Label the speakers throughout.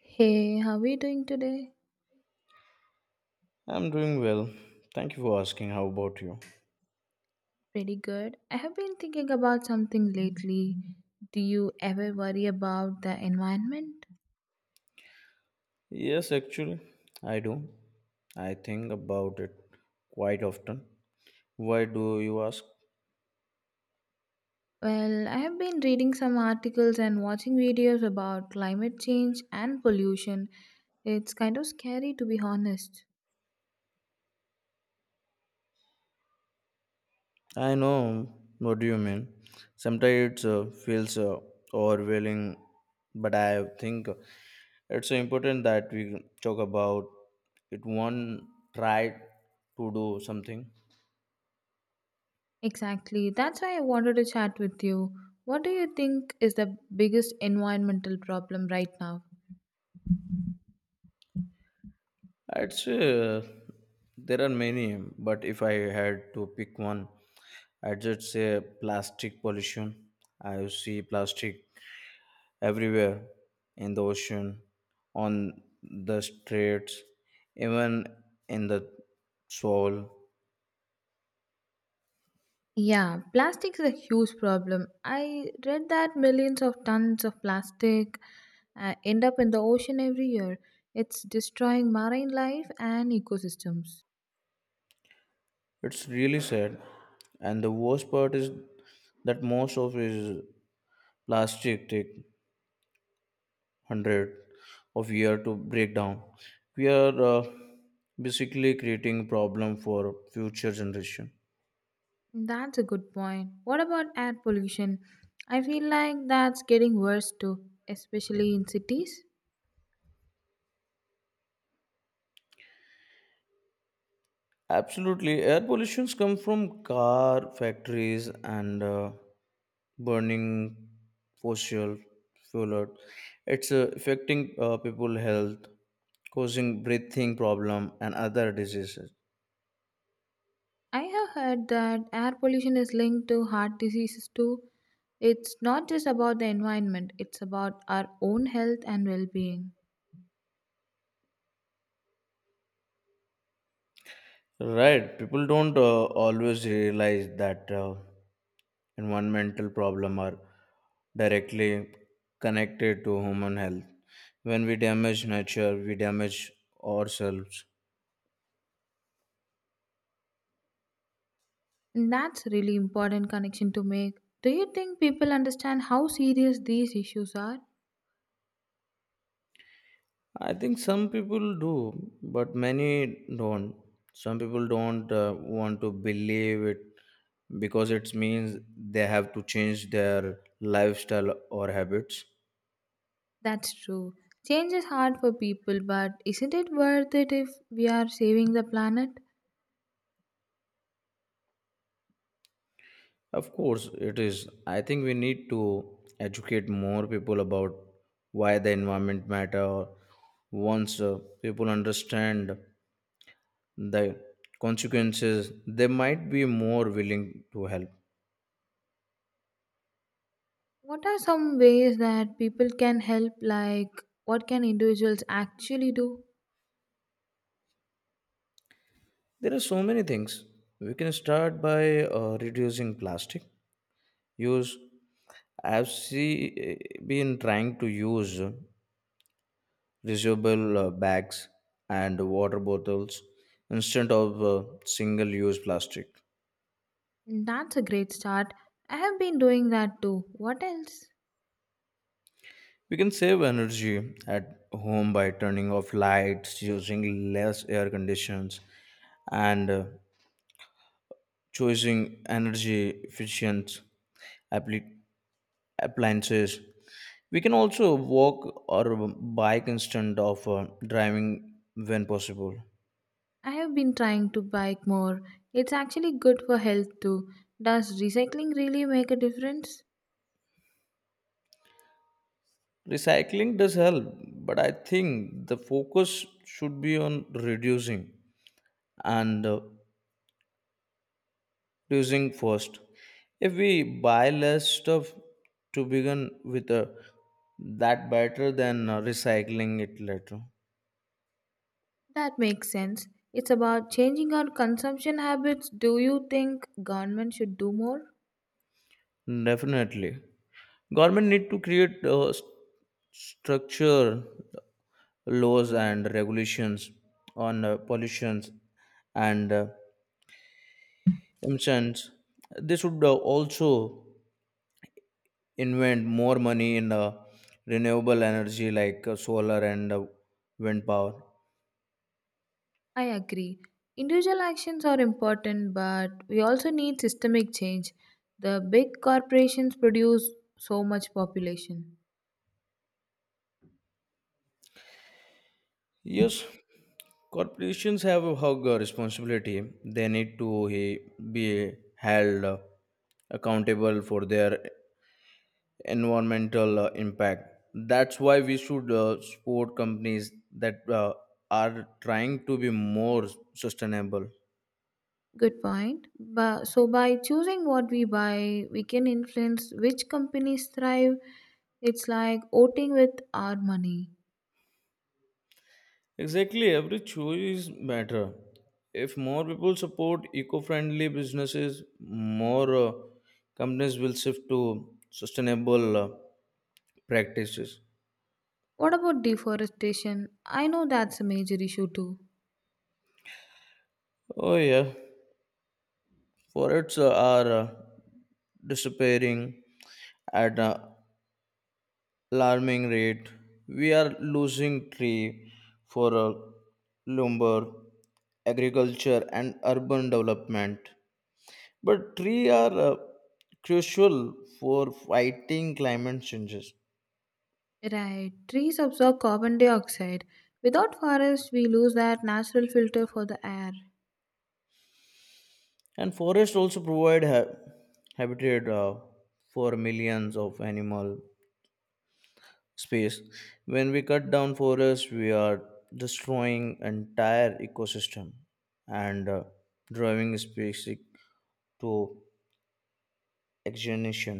Speaker 1: Hey, how are you doing today?
Speaker 2: I'm doing well. Thank you for asking. How about you?
Speaker 1: Pretty good. I have been thinking about something lately. Do you ever worry about the environment?
Speaker 2: Yes, actually, I do. I think about it quite often. Why do you ask?
Speaker 1: Well, I have been reading some articles and watching videos about climate change and pollution. It's kind of scary to be honest.
Speaker 2: I know what do you mean. Sometimes it feels overwhelming, but I think it's important that we talk about it. One try to do something.
Speaker 1: Exactly. That's why I wanted to chat with you. What do you think is the biggest environmental problem right now?
Speaker 2: I'd say there are many, but if I had to pick one, I just say plastic pollution. I see plastic everywhere in the ocean, on the streets, even in the soil.
Speaker 1: Yeah, plastic is a huge problem. I read that millions of tons of plastic end up in the ocean every year. It's destroying marine life and ecosystems.
Speaker 2: It's really sad. And the worst part is that most of is plastic take hundred of year to break down. We are basically creating problem for future generation.
Speaker 1: That's a good point. What about air pollution? I feel like that's getting worse too, especially in cities.
Speaker 2: Absolutely, air pollutions come from car factories and burning fossil fuel. It's affecting people health, causing breathing problem and other diseases.
Speaker 1: I have heard that air pollution is linked to heart diseases too. It's not just about the environment, it's about our own health and well being.
Speaker 2: Right, people don't always realize that environmental problem are directly connected to human health. When we damage nature, we damage ourselves.
Speaker 1: That's really important connection to make. Do you think people understand how serious these issues are?
Speaker 2: I think some people do, but many don't. Some people don't want to believe it because it means they have to change their lifestyle or habits.
Speaker 1: That's true. Change is hard for people, but isn't it worth it if we are saving the planet?
Speaker 2: Of course, it is. I think we need to educate more people about why the environment matter. Once people understand the consequences, they might be more willing to help.
Speaker 1: What are some ways that people can help, like what can individuals actually do?
Speaker 2: There are so many things. We can start by reducing plastic use. I've been trying to use reusable bags and water bottles instead of single use plastic.
Speaker 1: That's a great start. I have been doing that too. What else?
Speaker 2: We can save energy at home by turning off lights, using less air conditions, and choosing energy efficient appli- appliances. We can also walk or bike instead of driving when possible.
Speaker 1: I have been trying to bike more. It's actually good for health too. Does recycling really make a difference?
Speaker 2: Recycling does help, but I think the focus should be on reducing and reducing first. If we buy less stuff to begin with, that better than recycling it later.
Speaker 1: That makes sense. It's about changing our consumption habits. Do you think government should do more?
Speaker 2: Definitely. Government need to create structure, laws and regulations on pollutions and emissions. They should also invent more money in renewable energy like solar and wind power.
Speaker 1: I agree. Individual actions are important, but we also need systemic change. The big corporations produce so much population.
Speaker 2: Yes, corporations have a hug responsibility. They need to he- be held accountable for their environmental impact. That's why we should support companies that are trying to be more sustainable.
Speaker 1: Good point. But so by choosing what we buy, we can influence which companies thrive. It's like voting with our money.
Speaker 2: Exactly, every choice matter. If more people support eco-friendly businesses, more companies will shift to sustainable practices.
Speaker 1: What about deforestation? I know that's a major issue too.
Speaker 2: Oh yeah, forests are disappearing at alarming rate. We are losing tree for lumber, agriculture, and urban development. But trees are crucial for fighting climate changes.
Speaker 1: Right, trees absorb carbon dioxide. Without forests, we lose that natural filter for the air.
Speaker 2: And forests also provide habitat for millions of animal space. When we cut down forests, we are destroying entire ecosystem and driving species to examination.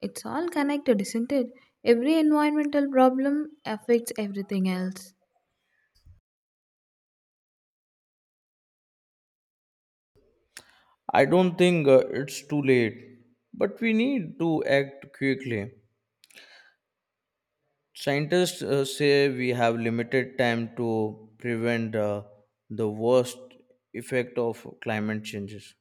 Speaker 1: It's all connected, isn't it? Every environmental problem affects everything else.
Speaker 2: I don't think it's too late, but we need to act quickly. Scientists say we have limited time to prevent the worst effect of climate changes.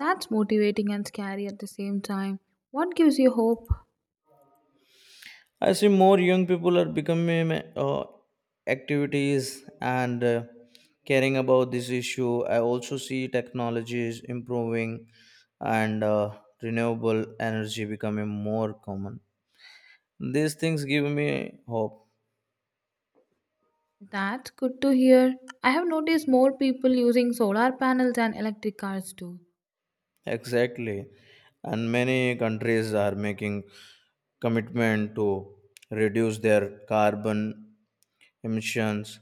Speaker 1: That's motivating and scary at the same time. What gives you hope?
Speaker 2: I see more young people are becoming activities and caring about this issue. I also see technologies improving and renewable energy becoming more common. These things give me hope.
Speaker 1: That's good to hear. I have noticed more people using solar panels and electric cars too.
Speaker 2: Exactly. And many countries are making commitment to reduce their carbon emissions.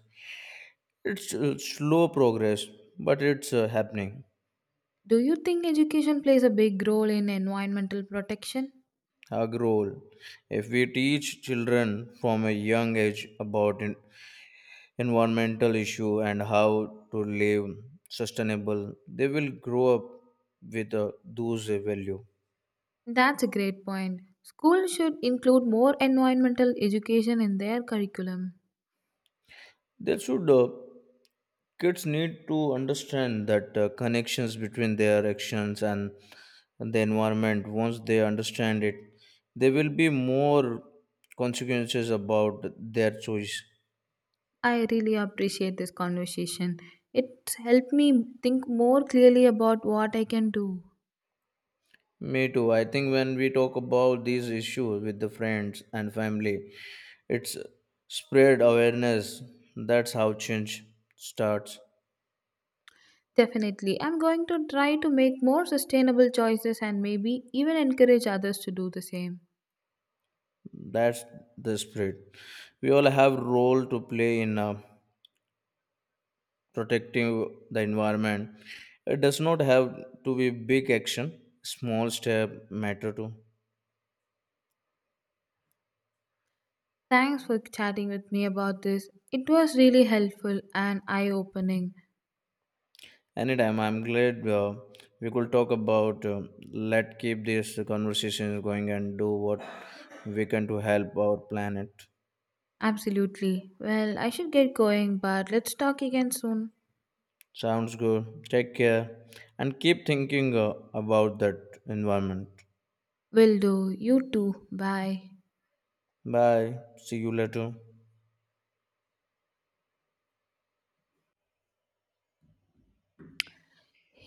Speaker 2: It's slow progress, but it's happening.
Speaker 1: Do you think education plays a big role in environmental protection?
Speaker 2: Our goal, if we teach children from a young age about environmental issue and how to live sustainable, they will grow up with those value.
Speaker 1: That's a great point. Schools should include more environmental education in their curriculum.
Speaker 2: They should. Kids need to understand that connections between their actions and the environment. Once they understand it, there will be more consequences about their choice.
Speaker 1: I really appreciate this conversation. It's helped me think more clearly about what I can do.
Speaker 2: Me too. I think when we talk about these issues with the friends and family, it's spread awareness. That's how change starts.
Speaker 1: Definitely, I'm going to try to make more sustainable choices and maybe even encourage others to do the same.
Speaker 2: That's the spirit. We all have role to play in. Protecting the environment. It does not have to be big action. Small step matter too.
Speaker 1: Thanks for chatting with me about this. It was really helpful and eye opening.
Speaker 2: Anytime, I'm glad we could talk about. Let keep this conversation going and do what we can to help our planet.
Speaker 1: Absolutely. Well, I should get going, but let's talk again soon.
Speaker 2: Sounds good. Take care and keep thinking about that environment.
Speaker 1: Will do. You too. Bye.
Speaker 2: Bye. See you later.